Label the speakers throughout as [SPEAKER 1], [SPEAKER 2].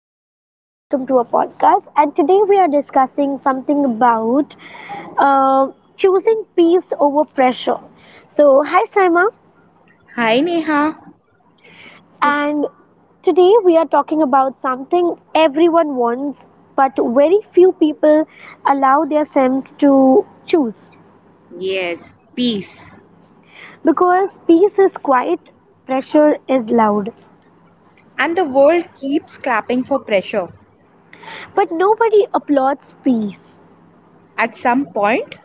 [SPEAKER 1] Asaima. Welcome to our podcast. And today we are discussing something about uh, choosing peace over pressure. So, hi Saima.
[SPEAKER 2] Hi Neha.
[SPEAKER 1] And today we are talking about something everyone wants, but very few people allow their sense to choose.
[SPEAKER 2] Yes, peace.
[SPEAKER 1] Because peace is quiet, pressure is loud.
[SPEAKER 2] And the world keeps clapping for pressure.
[SPEAKER 1] But nobody applauds peace
[SPEAKER 2] At some point,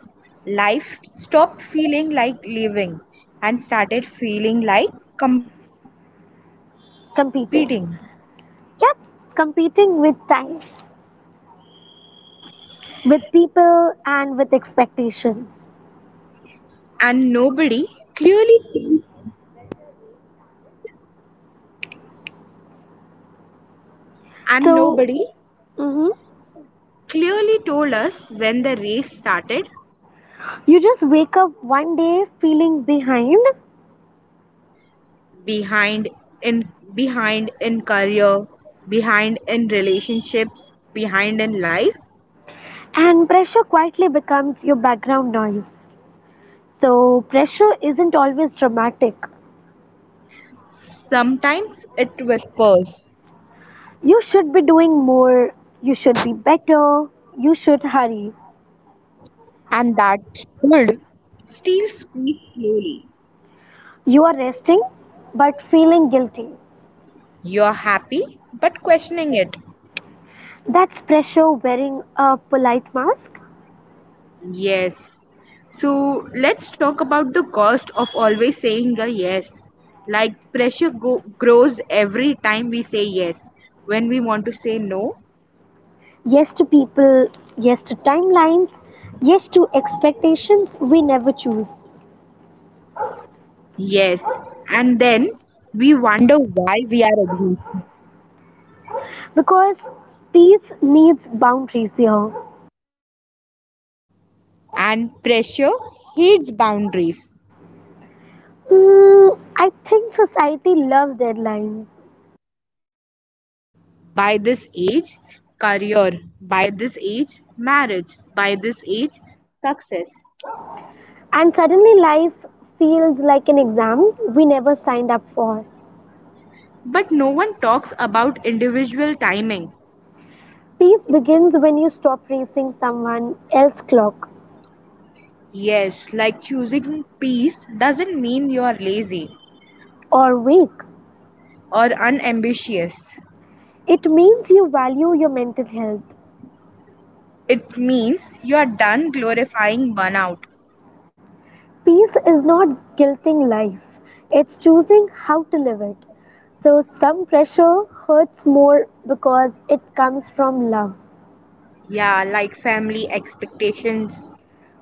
[SPEAKER 2] life stopped feeling like living and started feeling like competing.
[SPEAKER 1] competing. Yep, competing with time, with people, and with expectations.
[SPEAKER 2] And nobody clearly and
[SPEAKER 1] So,
[SPEAKER 2] nobody
[SPEAKER 1] mhm,
[SPEAKER 2] clearly told us when the race started,
[SPEAKER 1] you just wake up one day feeling behind,
[SPEAKER 2] behind in behind in career, behind in relationships, behind in life.
[SPEAKER 1] and pressure quietly becomes your background noise. So, pressure isn't always dramatic.
[SPEAKER 2] Sometimes it whispers.
[SPEAKER 1] You should be doing more, you should be better, you should hurry.
[SPEAKER 2] And that good still speaks slowly.
[SPEAKER 1] You are resting but feeling guilty.
[SPEAKER 2] You're happy, but questioning it.
[SPEAKER 1] That's pressure wearing a polite mask.
[SPEAKER 2] Yes. So let's talk about the cost of always saying a yes. Like grows every time we say yes. When we want to say no,
[SPEAKER 1] Yes to people, yes to timelines, yes to expectations we never choose.
[SPEAKER 2] yes. And then we wonder why we are against.
[SPEAKER 1] Because peace needs boundaries here.
[SPEAKER 2] And pressure hates boundaries.
[SPEAKER 1] Hmm, I think society loves deadlines.
[SPEAKER 2] By this age, career, by this age, marriage, by this age, success.
[SPEAKER 1] And suddenly life feels like an exam we never signed up for.
[SPEAKER 2] But no one talks about individual timing.
[SPEAKER 1] Peace begins when you stop racing someone else's clock
[SPEAKER 2] Yes, like choosing peace doesn't mean you're lazy
[SPEAKER 1] or wake.
[SPEAKER 2] or unambitious.
[SPEAKER 1] It means you value your mental health.
[SPEAKER 2] It means you're done glorifying burnout.
[SPEAKER 1] Peace is not guilting life, it's choosing how to live it. So, some pressure hurts more because it comes from love,
[SPEAKER 2] Yeah, like family expectations.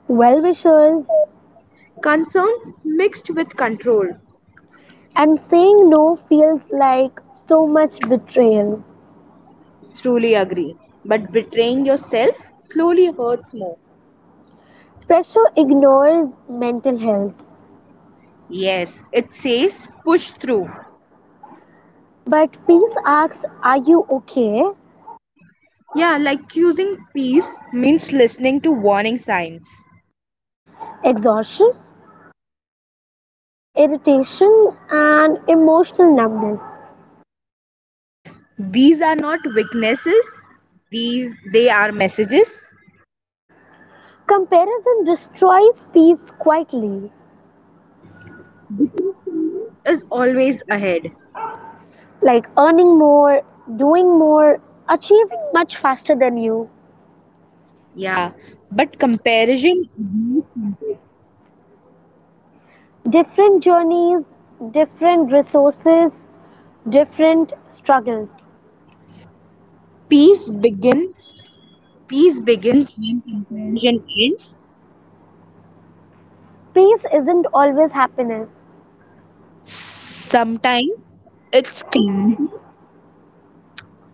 [SPEAKER 1] well wishers,
[SPEAKER 2] Concern mixed with control.
[SPEAKER 1] and saying no feels like so much betrayal.
[SPEAKER 2] Truly agree. But betraying yourself slowly hurts more.
[SPEAKER 1] Pressure ignores mental health,
[SPEAKER 2] Yes, it says push through.
[SPEAKER 1] but peace asks, are you okay?
[SPEAKER 2] Yeah, like choosing peace means listening to warning signs.
[SPEAKER 1] Exhaustion, irritation, and emotional numbness.
[SPEAKER 2] These are not weaknesses, these they are messages.
[SPEAKER 1] Comparison destroys peace quietly.
[SPEAKER 2] Is always ahead.
[SPEAKER 1] Like earning more, doing more, achieving much faster than you.
[SPEAKER 2] Yeah. But comparison
[SPEAKER 1] Different journeys, different resources, different struggles.
[SPEAKER 2] peace begin. peace begins when comparison ends.
[SPEAKER 1] Peace isn't always happiness,
[SPEAKER 2] Sometimes it's clean.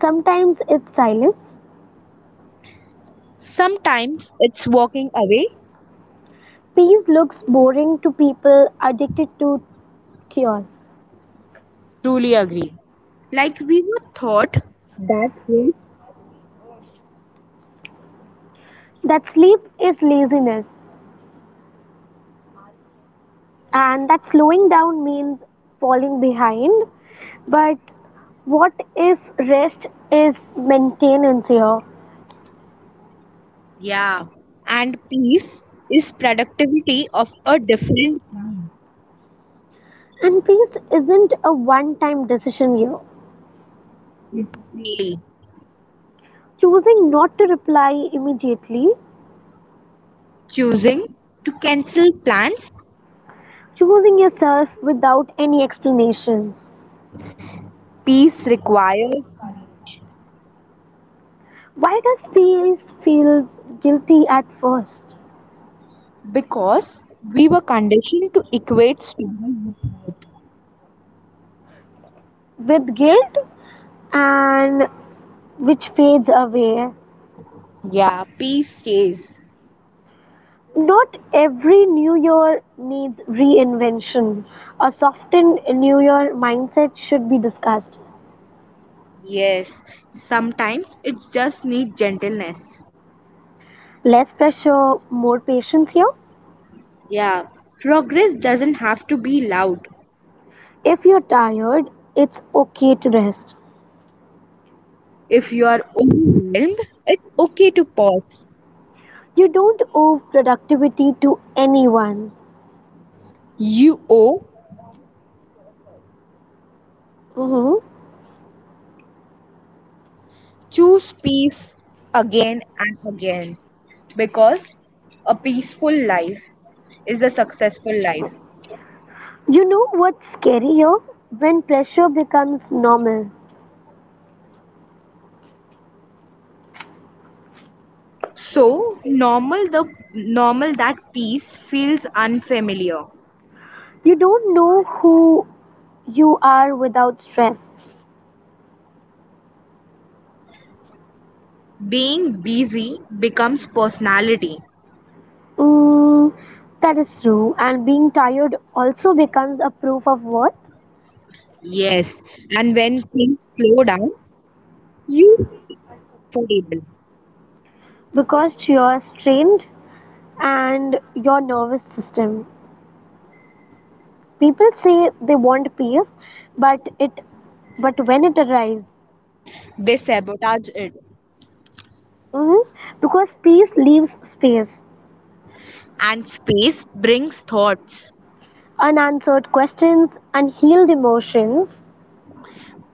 [SPEAKER 1] sometimes it's silence.
[SPEAKER 2] Sometimes it's walking away.
[SPEAKER 1] Peace looks boring to people addicted to chaos.
[SPEAKER 2] Truly agree. Like we were taught that.
[SPEAKER 1] That sleep is laziness, and that slowing down means falling behind. But what if rest is maintenance here?
[SPEAKER 2] Yeah. And peace is productivity of a different
[SPEAKER 1] And peace isn't a one time decision here.
[SPEAKER 2] daily
[SPEAKER 1] Choosing not to reply immediately,
[SPEAKER 2] choosing to cancel plans.
[SPEAKER 1] choosing yourself without any explanations.
[SPEAKER 2] Peace required,
[SPEAKER 1] Why does peace feel guilty at first?
[SPEAKER 2] because we were conditioned to equate speed.
[SPEAKER 1] With guilt and which fades away.
[SPEAKER 2] Yeah, peace stays.
[SPEAKER 1] Not every new year needs reinvention. A softened new year mindset should be discussed.
[SPEAKER 2] Yes. Sometimes it just needs gentleness.
[SPEAKER 1] Less pressure, more patience here.
[SPEAKER 2] Yeah, progress doesn't have to be loud.
[SPEAKER 1] If you're tired, it's okay to rest.
[SPEAKER 2] If you are overwhelmed, it's okay to pause.
[SPEAKER 1] You don't owe productivity to anyone.
[SPEAKER 2] You owe.
[SPEAKER 1] Hmm.
[SPEAKER 2] Choose peace again and again, because a peaceful life is a successful life.
[SPEAKER 1] You know what's scary, scarier? When pressure becomes normal.
[SPEAKER 2] So normal that peace feels unfamiliar.
[SPEAKER 1] You don't know who you are without stress.
[SPEAKER 2] Being busy becomes personality.
[SPEAKER 1] Mm, that is true. And being tired also becomes a proof of worth
[SPEAKER 2] Yes, and when things slow down, you feel comfortable.
[SPEAKER 1] because you're strained and your nervous system. People say they want peace, but it but when it arrives,
[SPEAKER 2] They sabotage it,
[SPEAKER 1] mm, because peace leaves space
[SPEAKER 2] and space brings thoughts.
[SPEAKER 1] unanswered questions, unhealed emotions.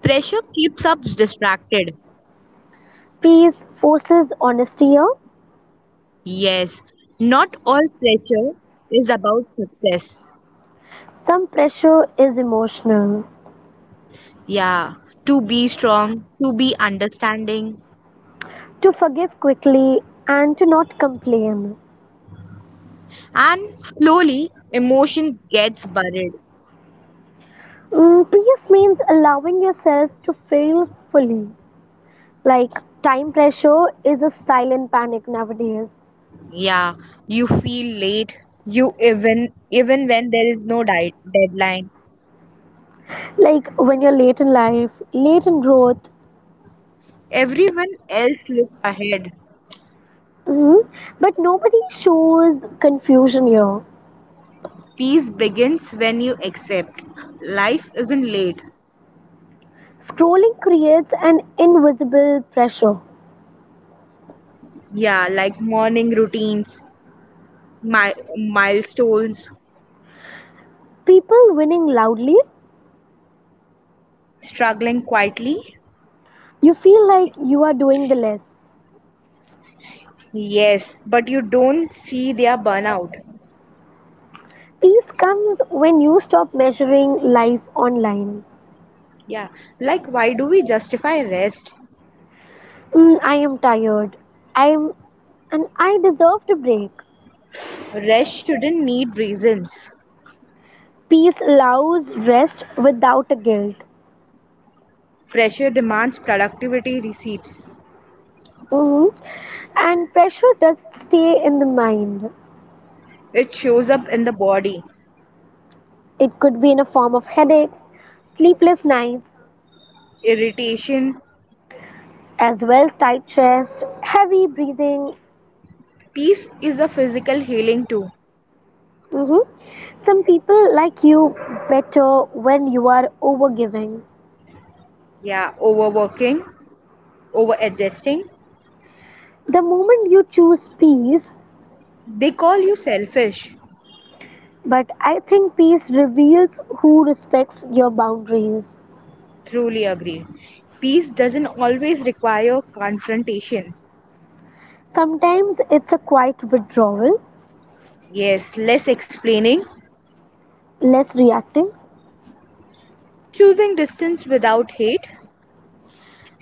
[SPEAKER 2] Pressure keeps us distracted.
[SPEAKER 1] Peace forces honesty here.
[SPEAKER 2] Yes, not all pressure is about success.
[SPEAKER 1] Some pressure is emotional.
[SPEAKER 2] Yeah, to be strong, to be understanding,
[SPEAKER 1] To forgive quickly and to not complain.
[SPEAKER 2] and slowly emotion gets buried.
[SPEAKER 1] Mm, peace means allowing yourself to feel fully. Like time pressure is a silent panic nowadays.
[SPEAKER 2] Yeah, you feel late. You even when there is no deadline,
[SPEAKER 1] Like when you're late in life, late in growth,
[SPEAKER 2] everyone else looks ahead.
[SPEAKER 1] mm, but nobody shows confusion here.
[SPEAKER 2] Peace begins when you accept life isn't late.
[SPEAKER 1] Scrolling creates an invisible pressure.
[SPEAKER 2] Yeah, like morning routines, my milestones,
[SPEAKER 1] People winning loudly,
[SPEAKER 2] struggling quietly.
[SPEAKER 1] you feel like you are doing the less.
[SPEAKER 2] Yes, but you don't see their burnout.
[SPEAKER 1] Peace comes when you stop measuring life online.
[SPEAKER 2] Yeah, like why do we justify rest?
[SPEAKER 1] Mm, I am tired. I am and I deserve to break.
[SPEAKER 2] Rest shouldn't need reasons.
[SPEAKER 1] Peace allows rest without a guilt.
[SPEAKER 2] Pressure demands productivity receipts.
[SPEAKER 1] Mhm. And pressure does stay in the mind.
[SPEAKER 2] It shows up in the body,
[SPEAKER 1] It could be in a form of headaches, sleepless nights,
[SPEAKER 2] irritation.
[SPEAKER 1] as well tight chest, heavy breathing.
[SPEAKER 2] Peace is a physical healing too.
[SPEAKER 1] Hmm. Some people like you better when you are overgiving.
[SPEAKER 2] Yeah, overworking, overadjusting.
[SPEAKER 1] The moment you choose peace,
[SPEAKER 2] They call you selfish.
[SPEAKER 1] but I think peace reveals who respects your boundaries.
[SPEAKER 2] Truly agree. Peace doesn't always require confrontation.
[SPEAKER 1] Sometimes it's a quiet withdrawal,
[SPEAKER 2] Yes, less explaining,
[SPEAKER 1] less reacting,
[SPEAKER 2] choosing distance without hate.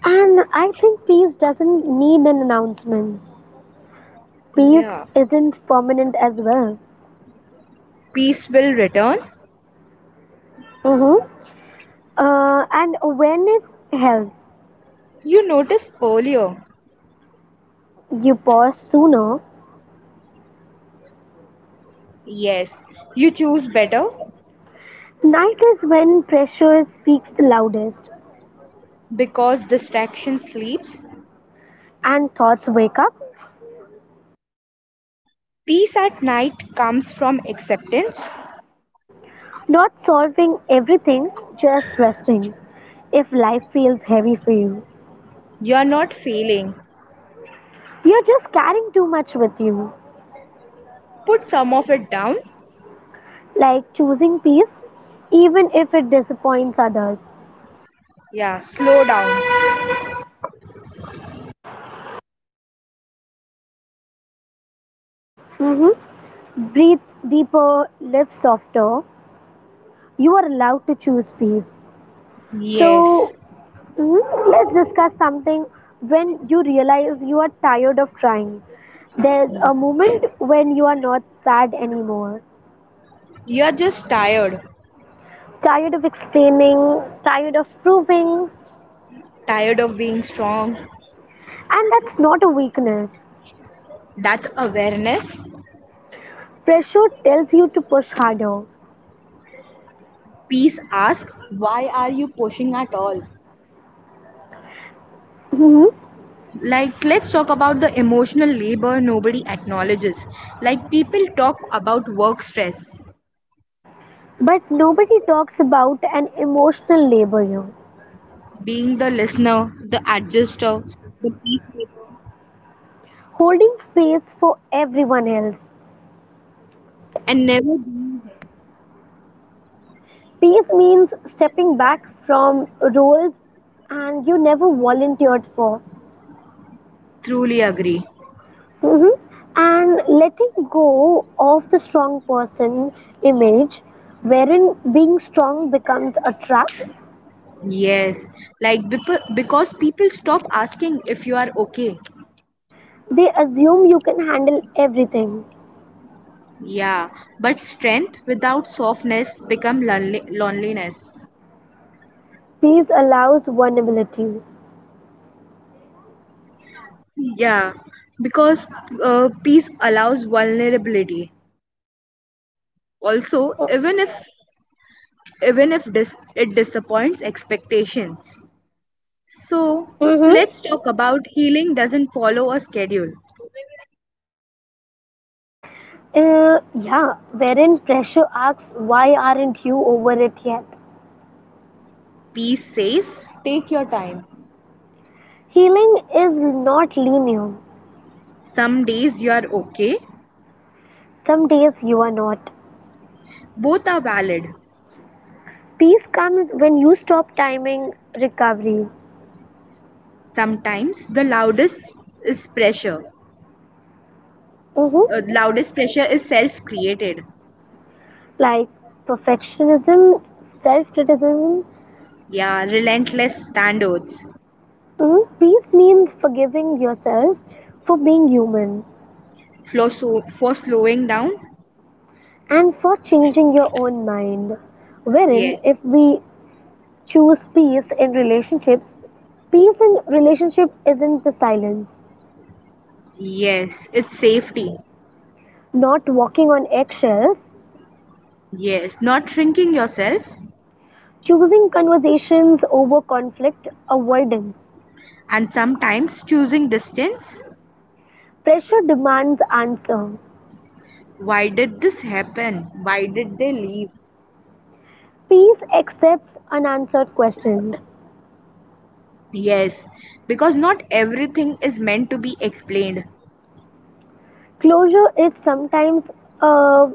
[SPEAKER 1] and I think peace doesn't need an announcement. Peace
[SPEAKER 2] Yeah,
[SPEAKER 1] isn't permanent as well.
[SPEAKER 2] peace will return.
[SPEAKER 1] Mm-hmm. And awareness helps.
[SPEAKER 2] You noticed earlier.
[SPEAKER 1] You pause sooner.
[SPEAKER 2] Yes, you choose better,
[SPEAKER 1] Night is when pressure speaks the loudest.
[SPEAKER 2] because distraction sleeps.
[SPEAKER 1] And thoughts wake up.
[SPEAKER 2] Peace at night comes from acceptance.
[SPEAKER 1] Not solving everything, just resting. If life feels heavy for you,
[SPEAKER 2] You are not failing.
[SPEAKER 1] you're just carrying too much with you.
[SPEAKER 2] Put some of it down.
[SPEAKER 1] Like choosing peace, even if it disappoints others.
[SPEAKER 2] Yeah, slow down.
[SPEAKER 1] Hmm. Breathe deeper, live softer. You are allowed to choose peace.
[SPEAKER 2] Yes,
[SPEAKER 1] So, mhm, let's discuss something when you realize you are tired of trying. There's a moment when you are not sad anymore.
[SPEAKER 2] you are just tired.
[SPEAKER 1] Tired of explaining, tired of proving,
[SPEAKER 2] Tired of being strong.
[SPEAKER 1] and that's not a weakness.
[SPEAKER 2] That's awareness.
[SPEAKER 1] Pressure tells you to push harder.
[SPEAKER 2] Peace asks, why are you pushing at all?
[SPEAKER 1] Hmm.
[SPEAKER 2] Like, let's talk about the emotional labor nobody acknowledges. Like, people talk about work stress,
[SPEAKER 1] But nobody talks about an emotional labor here.
[SPEAKER 2] being the listener, the adjuster, the peacemaker,
[SPEAKER 1] Holding space for everyone else.
[SPEAKER 2] and never being.
[SPEAKER 1] Peace means stepping back from roles and you never volunteered for.
[SPEAKER 2] Truly agree.
[SPEAKER 1] Hmm. And letting go of the strong person image, wherein being strong becomes a trap.
[SPEAKER 2] Yes, like because people stop asking if you are okay.
[SPEAKER 1] They assume you can handle everything.
[SPEAKER 2] Yeah, but strength without softness become loneliness.
[SPEAKER 1] Peace allows vulnerability.
[SPEAKER 2] Yeah, because peace allows vulnerability, also even if even if it disappoints expectations. So,
[SPEAKER 1] Mm-hmm.
[SPEAKER 2] let's talk about healing doesn't follow a schedule.
[SPEAKER 1] Yeah, wherein pressure asks, why aren't you over it yet?
[SPEAKER 2] Peace says, take your time.
[SPEAKER 1] Healing is not linear.
[SPEAKER 2] Some days you are okay,
[SPEAKER 1] Some days you are not.
[SPEAKER 2] both are valid.
[SPEAKER 1] Peace comes when you stop timing recovery.
[SPEAKER 2] Sometimes the loudest is pressure.
[SPEAKER 1] Mm-hmm.
[SPEAKER 2] Loudest pressure is self created.
[SPEAKER 1] Like perfectionism, self criticism.
[SPEAKER 2] Yeah, relentless standards.
[SPEAKER 1] Mm-hmm. Peace means forgiving yourself for being human.
[SPEAKER 2] For slowing down?
[SPEAKER 1] And for changing your own mind, wherein if
[SPEAKER 2] Yes.
[SPEAKER 1] we choose peace in relationships, peace in relationship isn't the silence,
[SPEAKER 2] Yes, it's safety.
[SPEAKER 1] not walking on eggshells,
[SPEAKER 2] Yes, not shrinking yourself,
[SPEAKER 1] choosing conversations over conflict avoidance.
[SPEAKER 2] and sometimes choosing distance.
[SPEAKER 1] Pressure demands answer.
[SPEAKER 2] Why did this happen? Why did they leave?
[SPEAKER 1] Peace accepts unanswered questions.
[SPEAKER 2] Yes, because not everything is meant to be explained.
[SPEAKER 1] Closure is sometimes a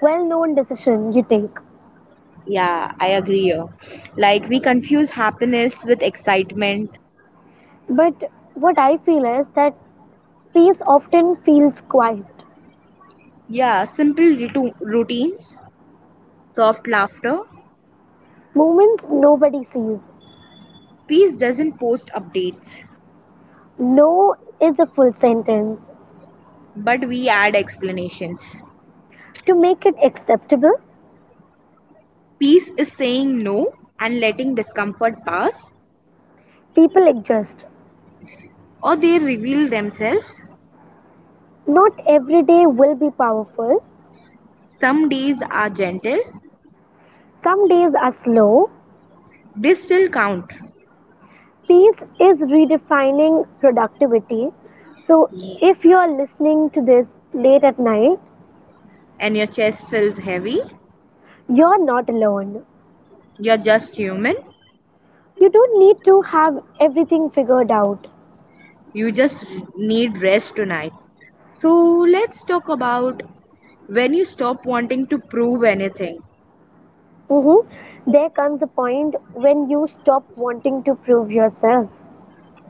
[SPEAKER 1] well known decision you take.
[SPEAKER 2] Yeah, I agree. Here. Like we confuse happiness with excitement.
[SPEAKER 1] But what I feel is that peace often feels quiet.
[SPEAKER 2] Yeah, simple routines, soft laughter.
[SPEAKER 1] Moments nobody sees.
[SPEAKER 2] Peace doesn't post updates,
[SPEAKER 1] No is a full sentence.
[SPEAKER 2] but we add explanations.
[SPEAKER 1] To make it acceptable,
[SPEAKER 2] Peace is saying no and letting discomfort pass,
[SPEAKER 1] people adjust.
[SPEAKER 2] or they reveal themselves.
[SPEAKER 1] Not every day will be powerful.
[SPEAKER 2] Some days are gentle,
[SPEAKER 1] Some days are slow.
[SPEAKER 2] they still count,
[SPEAKER 1] Peace is redefining productivity. So, if you are listening to this late at night,
[SPEAKER 2] and your chest feels heavy.
[SPEAKER 1] you're not alone.
[SPEAKER 2] You're just human.
[SPEAKER 1] You don't need to have everything figured out.
[SPEAKER 2] You just need rest tonight. So, let's talk about when you stop wanting to prove anything.
[SPEAKER 1] Hmm. There comes a point when you stop wanting to prove yourself.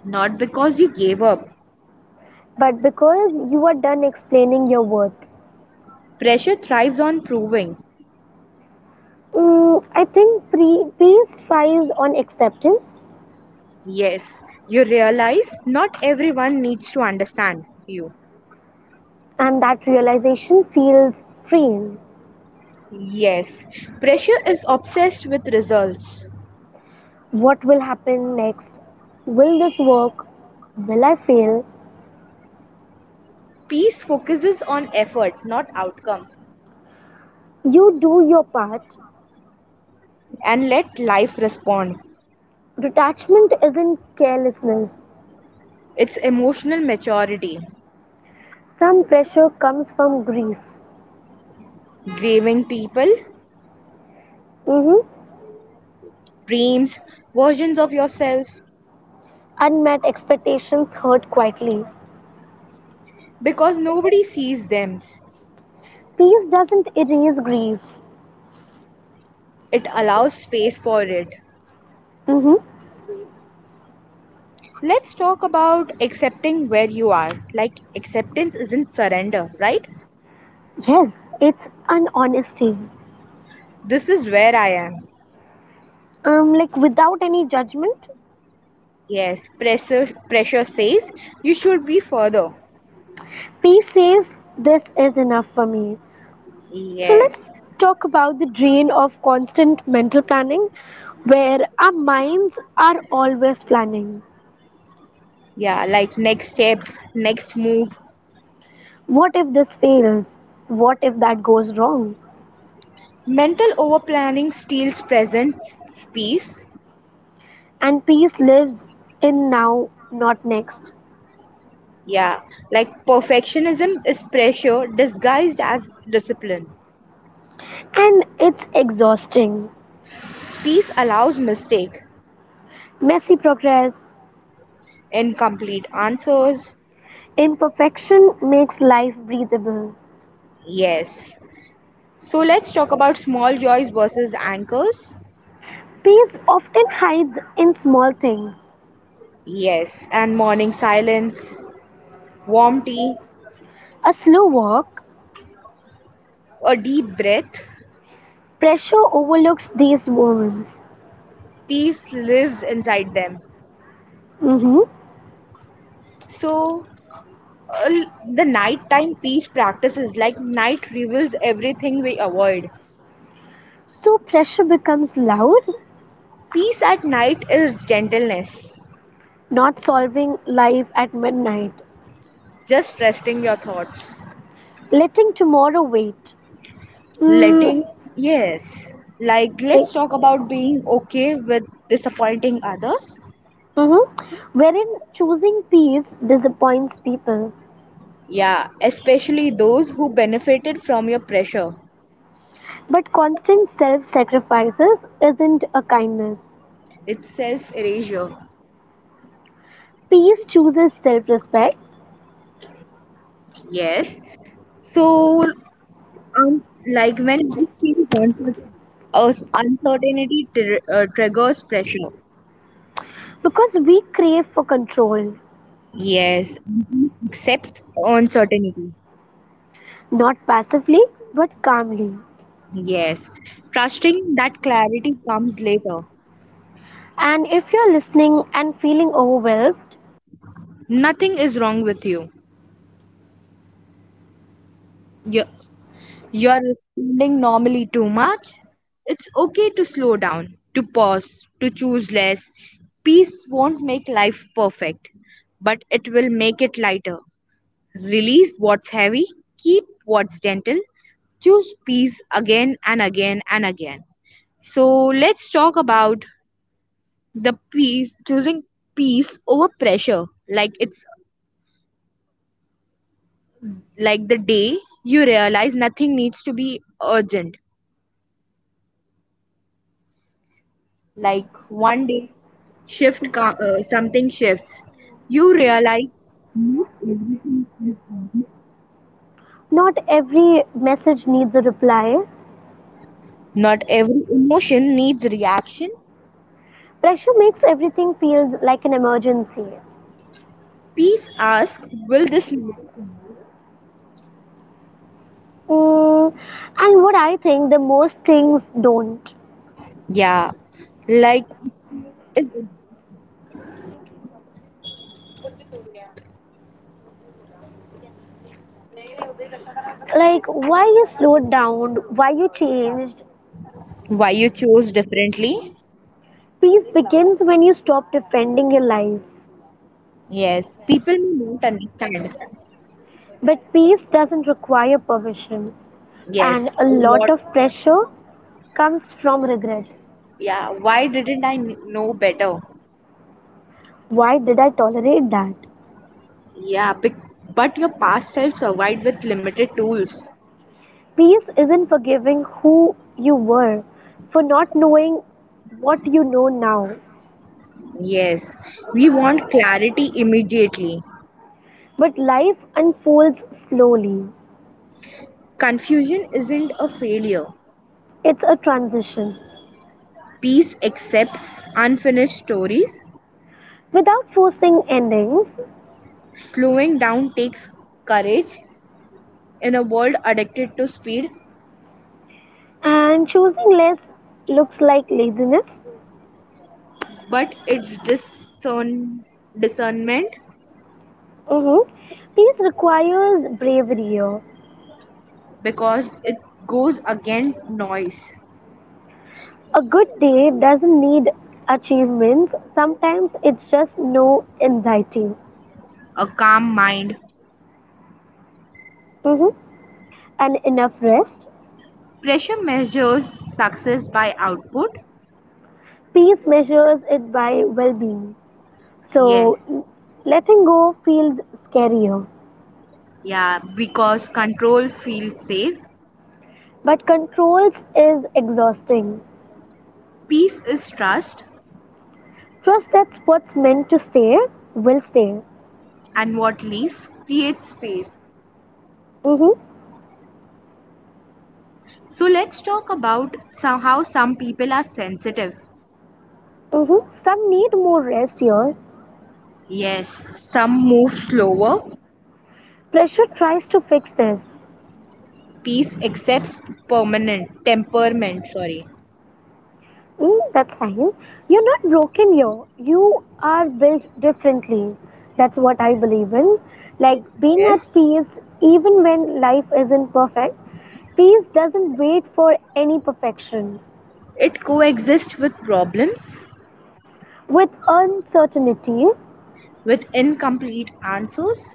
[SPEAKER 2] Not because you gave up.
[SPEAKER 1] But because you are done explaining your worth,
[SPEAKER 2] Pressure thrives on proving.
[SPEAKER 1] mm, I think peace thrives on acceptance,
[SPEAKER 2] Yes, you realize not everyone needs to understand you.
[SPEAKER 1] and that realization feels freeing.
[SPEAKER 2] Yes, pressure is obsessed with results.
[SPEAKER 1] What will happen next? Will this work? Will I fail?
[SPEAKER 2] Peace focuses on effort, not outcome,
[SPEAKER 1] You do your part.
[SPEAKER 2] and let life respond.
[SPEAKER 1] Detachment isn't carelessness.
[SPEAKER 2] It's emotional maturity,
[SPEAKER 1] Some pressure comes from grief.
[SPEAKER 2] grieving people,
[SPEAKER 1] Hmm.
[SPEAKER 2] dreams, versions of yourself,
[SPEAKER 1] Unmet expectations hurt quietly.
[SPEAKER 2] because nobody sees them.
[SPEAKER 1] Peace doesn't erase grief.
[SPEAKER 2] It allows space for it.
[SPEAKER 1] Hmm.
[SPEAKER 2] Let's talk about accepting where you are. Like, acceptance isn't surrender, right?
[SPEAKER 1] Yes, it's an honesty.
[SPEAKER 2] This is where I am.
[SPEAKER 1] Like without any judgment.
[SPEAKER 2] Yes, pressure says you should be further.
[SPEAKER 1] Peace says, this is enough for me. So let's
[SPEAKER 2] Yes.
[SPEAKER 1] talk about the drain of constant mental planning where our minds are always planning.
[SPEAKER 2] Yeah, like next step, next move.
[SPEAKER 1] What if this fails? What if that goes wrong?
[SPEAKER 2] Mental over planning steals peace.
[SPEAKER 1] And peace lives in now, not next.
[SPEAKER 2] Yeah, like perfectionism is pressure disguised as discipline.
[SPEAKER 1] And it's exhausting.
[SPEAKER 2] Peace allows mistake,
[SPEAKER 1] Messy progress,
[SPEAKER 2] incomplete answers.
[SPEAKER 1] imperfection makes life breathable.
[SPEAKER 2] Yes. So let's talk about small joys versus anchors.
[SPEAKER 1] Peace often hides in small things.
[SPEAKER 2] Yes, and morning silence, warm tea,
[SPEAKER 1] A slow walk,
[SPEAKER 2] a deep breath.
[SPEAKER 1] pressure overlooks these moments.
[SPEAKER 2] Peace lives inside them.
[SPEAKER 1] Hmm.
[SPEAKER 2] So uh, the nighttime peace practices, like night reveals everything we avoid.
[SPEAKER 1] So pressure becomes loud,
[SPEAKER 2] Peace at night is gentleness.
[SPEAKER 1] not solving life at midnight,
[SPEAKER 2] Just resting your thoughts,
[SPEAKER 1] letting tomorrow wait. Mm.
[SPEAKER 2] letting. Yes, like
[SPEAKER 1] eh,
[SPEAKER 2] let's talk about being okay with disappointing others.
[SPEAKER 1] mm-hmm. Wherein choosing peace disappoints people.
[SPEAKER 2] Yeah, especially those who benefited from your pressure.
[SPEAKER 1] But constant self sacrifices isn't a kindness.
[SPEAKER 2] It's self erasure.
[SPEAKER 1] Peace chooses self respect
[SPEAKER 2] Yes. So, um, like when we feel confident, us uncertainty triggers pressure.
[SPEAKER 1] because we crave for control,
[SPEAKER 2] Yes. Mhm. Accepts uncertainty.
[SPEAKER 1] not passively but calmly.
[SPEAKER 2] Yes, trusting that clarity comes later.
[SPEAKER 1] And if you're listening and feeling overwhelmed,
[SPEAKER 2] Nothing is wrong with you. You're, you're responding normally too much. It's okay to slow down, to pause, to choose less. Peace won't make life perfect, but it will make it lighter. Release what's heavy, keep what's gentle, choose peace again and again and again. So let's talk about the peace, choosing peace over pressure. Like it's like the day you realize nothing needs to be urgent. Like one day, something shifts. You realize
[SPEAKER 1] not every message needs a reply.
[SPEAKER 2] not every emotion needs reaction.
[SPEAKER 1] Pressure makes everything feel like an emergency.
[SPEAKER 2] Peace asks, "Will this lead to me?"
[SPEAKER 1] Mm, and what I think, the most things don't.
[SPEAKER 2] Yeah, like is
[SPEAKER 1] Like, why you slowed down, why you changed.
[SPEAKER 2] why you chose differently.
[SPEAKER 1] Peace begins when you stop defending your life.
[SPEAKER 2] Yes, people may not understand.
[SPEAKER 1] But peace doesn't require permission.
[SPEAKER 2] Yes,
[SPEAKER 1] And a
[SPEAKER 2] a
[SPEAKER 1] lot
[SPEAKER 2] lot.
[SPEAKER 1] of pressure comes from regret.
[SPEAKER 2] Yeah, why didn't I know better?
[SPEAKER 1] Why did I tolerate that?
[SPEAKER 2] Yeah, but your past self survived with limited tools.
[SPEAKER 1] Peace isn't forgiving who you were for not knowing what you know now.
[SPEAKER 2] Yes, we want clarity immediately.
[SPEAKER 1] But life unfolds slowly.
[SPEAKER 2] Confusion isn't a failure.
[SPEAKER 1] It's a transition.
[SPEAKER 2] Peace accepts unfinished stories.
[SPEAKER 1] Without forcing endings,
[SPEAKER 2] Slowing down takes courage in a world addicted to speed,
[SPEAKER 1] and choosing less looks like laziness.
[SPEAKER 2] but it's discernment,
[SPEAKER 1] Hmm. Peace requires bravery here.
[SPEAKER 2] because it goes against noise.
[SPEAKER 1] A good day doesn't need achievements, sometimes it's just no anxiety.
[SPEAKER 2] A calm mind.
[SPEAKER 1] Hmm. And enough rest.
[SPEAKER 2] Pressure measures success by output.
[SPEAKER 1] Peace measures it by well being. So
[SPEAKER 2] Yes.
[SPEAKER 1] letting go feels scarier,
[SPEAKER 2] Yeah, because control feels safe.
[SPEAKER 1] but controls is exhausting.
[SPEAKER 2] Peace is trust,
[SPEAKER 1] Trust that what's meant to stay will stay.
[SPEAKER 2] and what leaves creates space.
[SPEAKER 1] Mhm.
[SPEAKER 2] So let's talk about some, how some people are sensitive.
[SPEAKER 1] Mhm. Some need more rest here.
[SPEAKER 2] Yes. Some move slower.
[SPEAKER 1] Pressure tries to fix this.
[SPEAKER 2] Peace accepts permanent temperament. Sorry.
[SPEAKER 1] Mm, that's fine. You're not broken here. You are built differently. That's what I believe in. Like being
[SPEAKER 2] Yes.
[SPEAKER 1] at peace even when life isn't perfect. Peace doesn't wait for any perfection.
[SPEAKER 2] It coexists with problems,
[SPEAKER 1] With uncertainty.
[SPEAKER 2] with incomplete answers.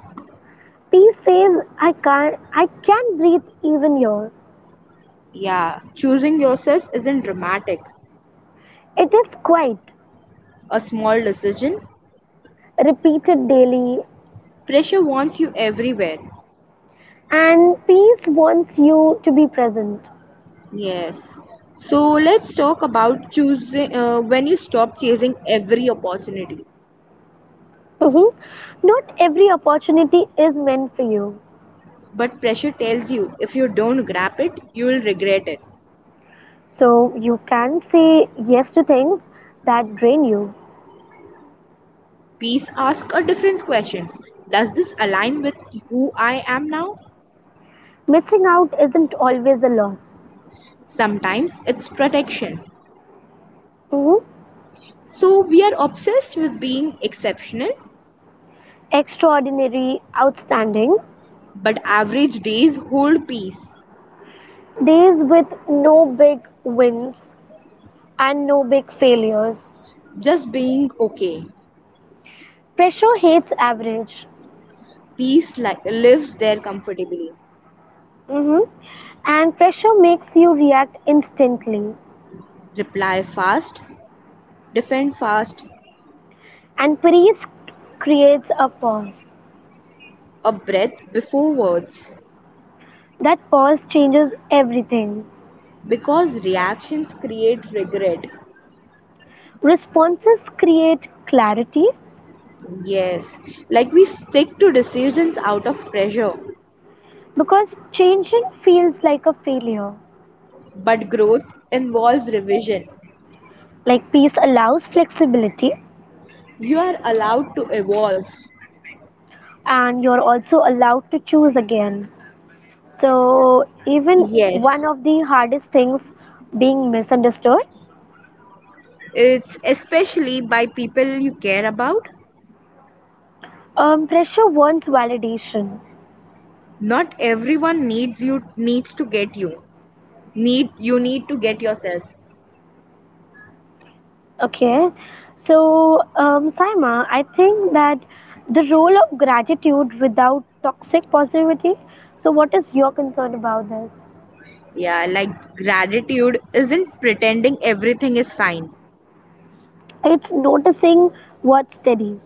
[SPEAKER 1] Peace says, I can't, I can breathe even here.
[SPEAKER 2] Yeah. Choosing yourself isn't dramatic.
[SPEAKER 1] It is quiet,
[SPEAKER 2] A small decision.
[SPEAKER 1] repeated daily,
[SPEAKER 2] Pressure wants you everywhere.
[SPEAKER 1] and peace wants you to be present.
[SPEAKER 2] Yes. So let's talk about choosing when you stop chasing every opportunity.
[SPEAKER 1] Mhm. Not every opportunity is meant for you,
[SPEAKER 2] But pressure tells you if you don't grab it, you will regret it.
[SPEAKER 1] so you can say yes to things that drain you.
[SPEAKER 2] Peace asks a different question. Does this align with who I am now?
[SPEAKER 1] Missing out isn't always a loss.
[SPEAKER 2] Sometimes it's protection.
[SPEAKER 1] Mhm.
[SPEAKER 2] So we are obsessed with being exceptional,
[SPEAKER 1] Extraordinary, outstanding,
[SPEAKER 2] but average days hold peace.
[SPEAKER 1] days with no big wins and no big failures.
[SPEAKER 2] Just being okay.
[SPEAKER 1] Pressure hates average.
[SPEAKER 2] Peace lives there comfortably.
[SPEAKER 1] Hmm. And pressure makes you react instantly.
[SPEAKER 2] Reply fast, defend fast,
[SPEAKER 1] And freeze creates a pause.
[SPEAKER 2] a breath before words.
[SPEAKER 1] That pause changes everything.
[SPEAKER 2] Because reactions create regret.
[SPEAKER 1] Responses create clarity
[SPEAKER 2] Yes, like we stick to decisions out of pressure,
[SPEAKER 1] because changing feels like a failure.
[SPEAKER 2] but growth involves revision.
[SPEAKER 1] Like peace allows flexibility,
[SPEAKER 2] You are allowed to evolve.
[SPEAKER 1] and you're also allowed to choose again. So, even
[SPEAKER 2] Yes,
[SPEAKER 1] one of the hardest things being misunderstood,
[SPEAKER 2] it's especially by people you care about.
[SPEAKER 1] pressure wants validation.
[SPEAKER 2] Not everyone needs you needs to get you. Need you need to get yourself.
[SPEAKER 1] Okay, so Saima, I think that the role of gratitude without toxic positivity. So, what is your concern about this?
[SPEAKER 2] Yeah, like gratitude isn't pretending everything is fine.
[SPEAKER 1] It's noticing what steadies,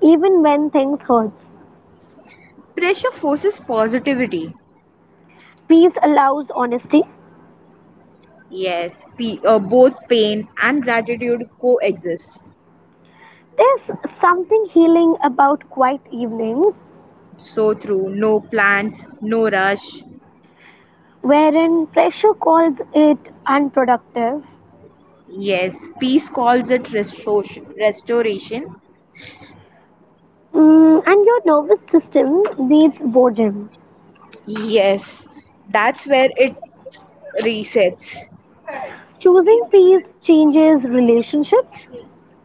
[SPEAKER 1] even when things hurts.
[SPEAKER 2] Pressure forces positivity.
[SPEAKER 1] Peace allows honesty.
[SPEAKER 2] Yes, both pain and gratitude coexist.
[SPEAKER 1] There's something healing about quiet evenings,
[SPEAKER 2] So true. No plans, no rush.
[SPEAKER 1] wherein pressure calls it unproductive.
[SPEAKER 2] Yes, peace calls it restoration.
[SPEAKER 1] Mm, and your nervous system needs boredom.
[SPEAKER 2] Yes, that's where it resets.
[SPEAKER 1] Choosing peace changes relationships.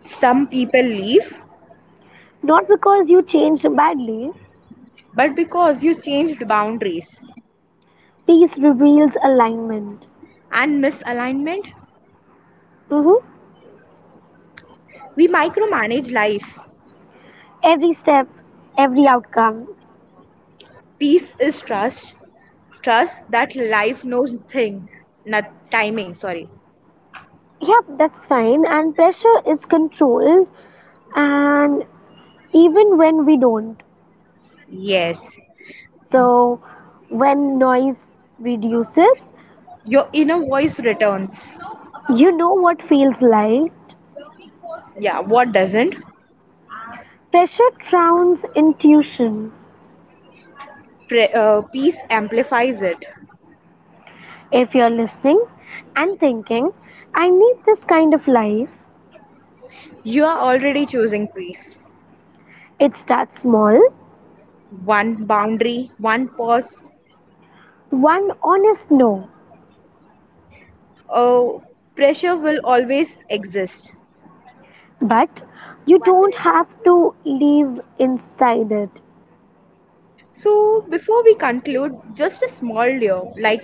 [SPEAKER 2] Some people leave,
[SPEAKER 1] Not because you changed badly.
[SPEAKER 2] but because you changed boundaries.
[SPEAKER 1] Peace reveals alignment.
[SPEAKER 2] And misalignment?
[SPEAKER 1] Hmm.
[SPEAKER 2] We micromanage life.
[SPEAKER 1] Every step, every outcome.
[SPEAKER 2] Peace is trust, trust that life knows thing, not timing. Sorry.
[SPEAKER 1] Yep, that's fine. And pressure is controlled, and even when we don't.
[SPEAKER 2] Yes.
[SPEAKER 1] So, when noise reduces,
[SPEAKER 2] Your inner voice returns.
[SPEAKER 1] you know what feels like.
[SPEAKER 2] Yeah, what doesn't?
[SPEAKER 1] Pressure drowns intuition.
[SPEAKER 2] Peace amplifies it.
[SPEAKER 1] If you're listening and thinking, I need this kind of life,
[SPEAKER 2] You are already choosing peace.
[SPEAKER 1] it starts small.
[SPEAKER 2] One boundary, one pause.
[SPEAKER 1] One honest no.
[SPEAKER 2] uh, Pressure will always exist.
[SPEAKER 1] But you don't have to live inside it.
[SPEAKER 2] So, before we conclude, just a small layer, like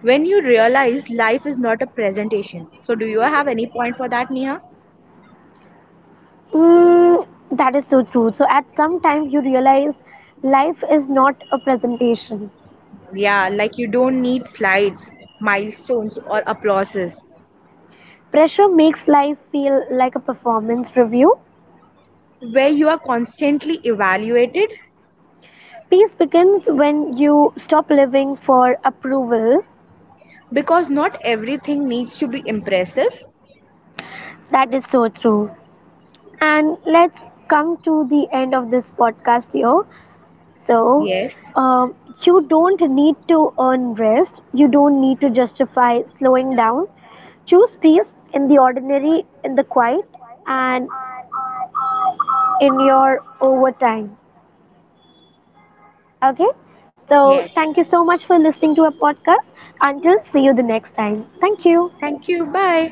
[SPEAKER 2] when you realize life is not a presentation. So, do you have any point for that, Neha?
[SPEAKER 1] Mm, that is so true. So at some time you realize life is not a presentation.
[SPEAKER 2] Yeah, like you don't need slides, milestones, or applauses,
[SPEAKER 1] Pressure makes life feel like a performance review.
[SPEAKER 2] where you are constantly evaluated,
[SPEAKER 1] Peace begins when you stop living for approval.
[SPEAKER 2] because not everything needs to be impressive.
[SPEAKER 1] That is so true. And let's come to the end of this podcast here. So,
[SPEAKER 2] Yes,
[SPEAKER 1] um, you don't need to earn rest. You don't need to justify slowing down. Choose peace in the ordinary, in the quiet, and in your overtime. Okay? So,
[SPEAKER 2] yes.
[SPEAKER 1] thank you so much for listening to our podcast. Until see you the next time. Thank you.
[SPEAKER 2] Thank you. Bye.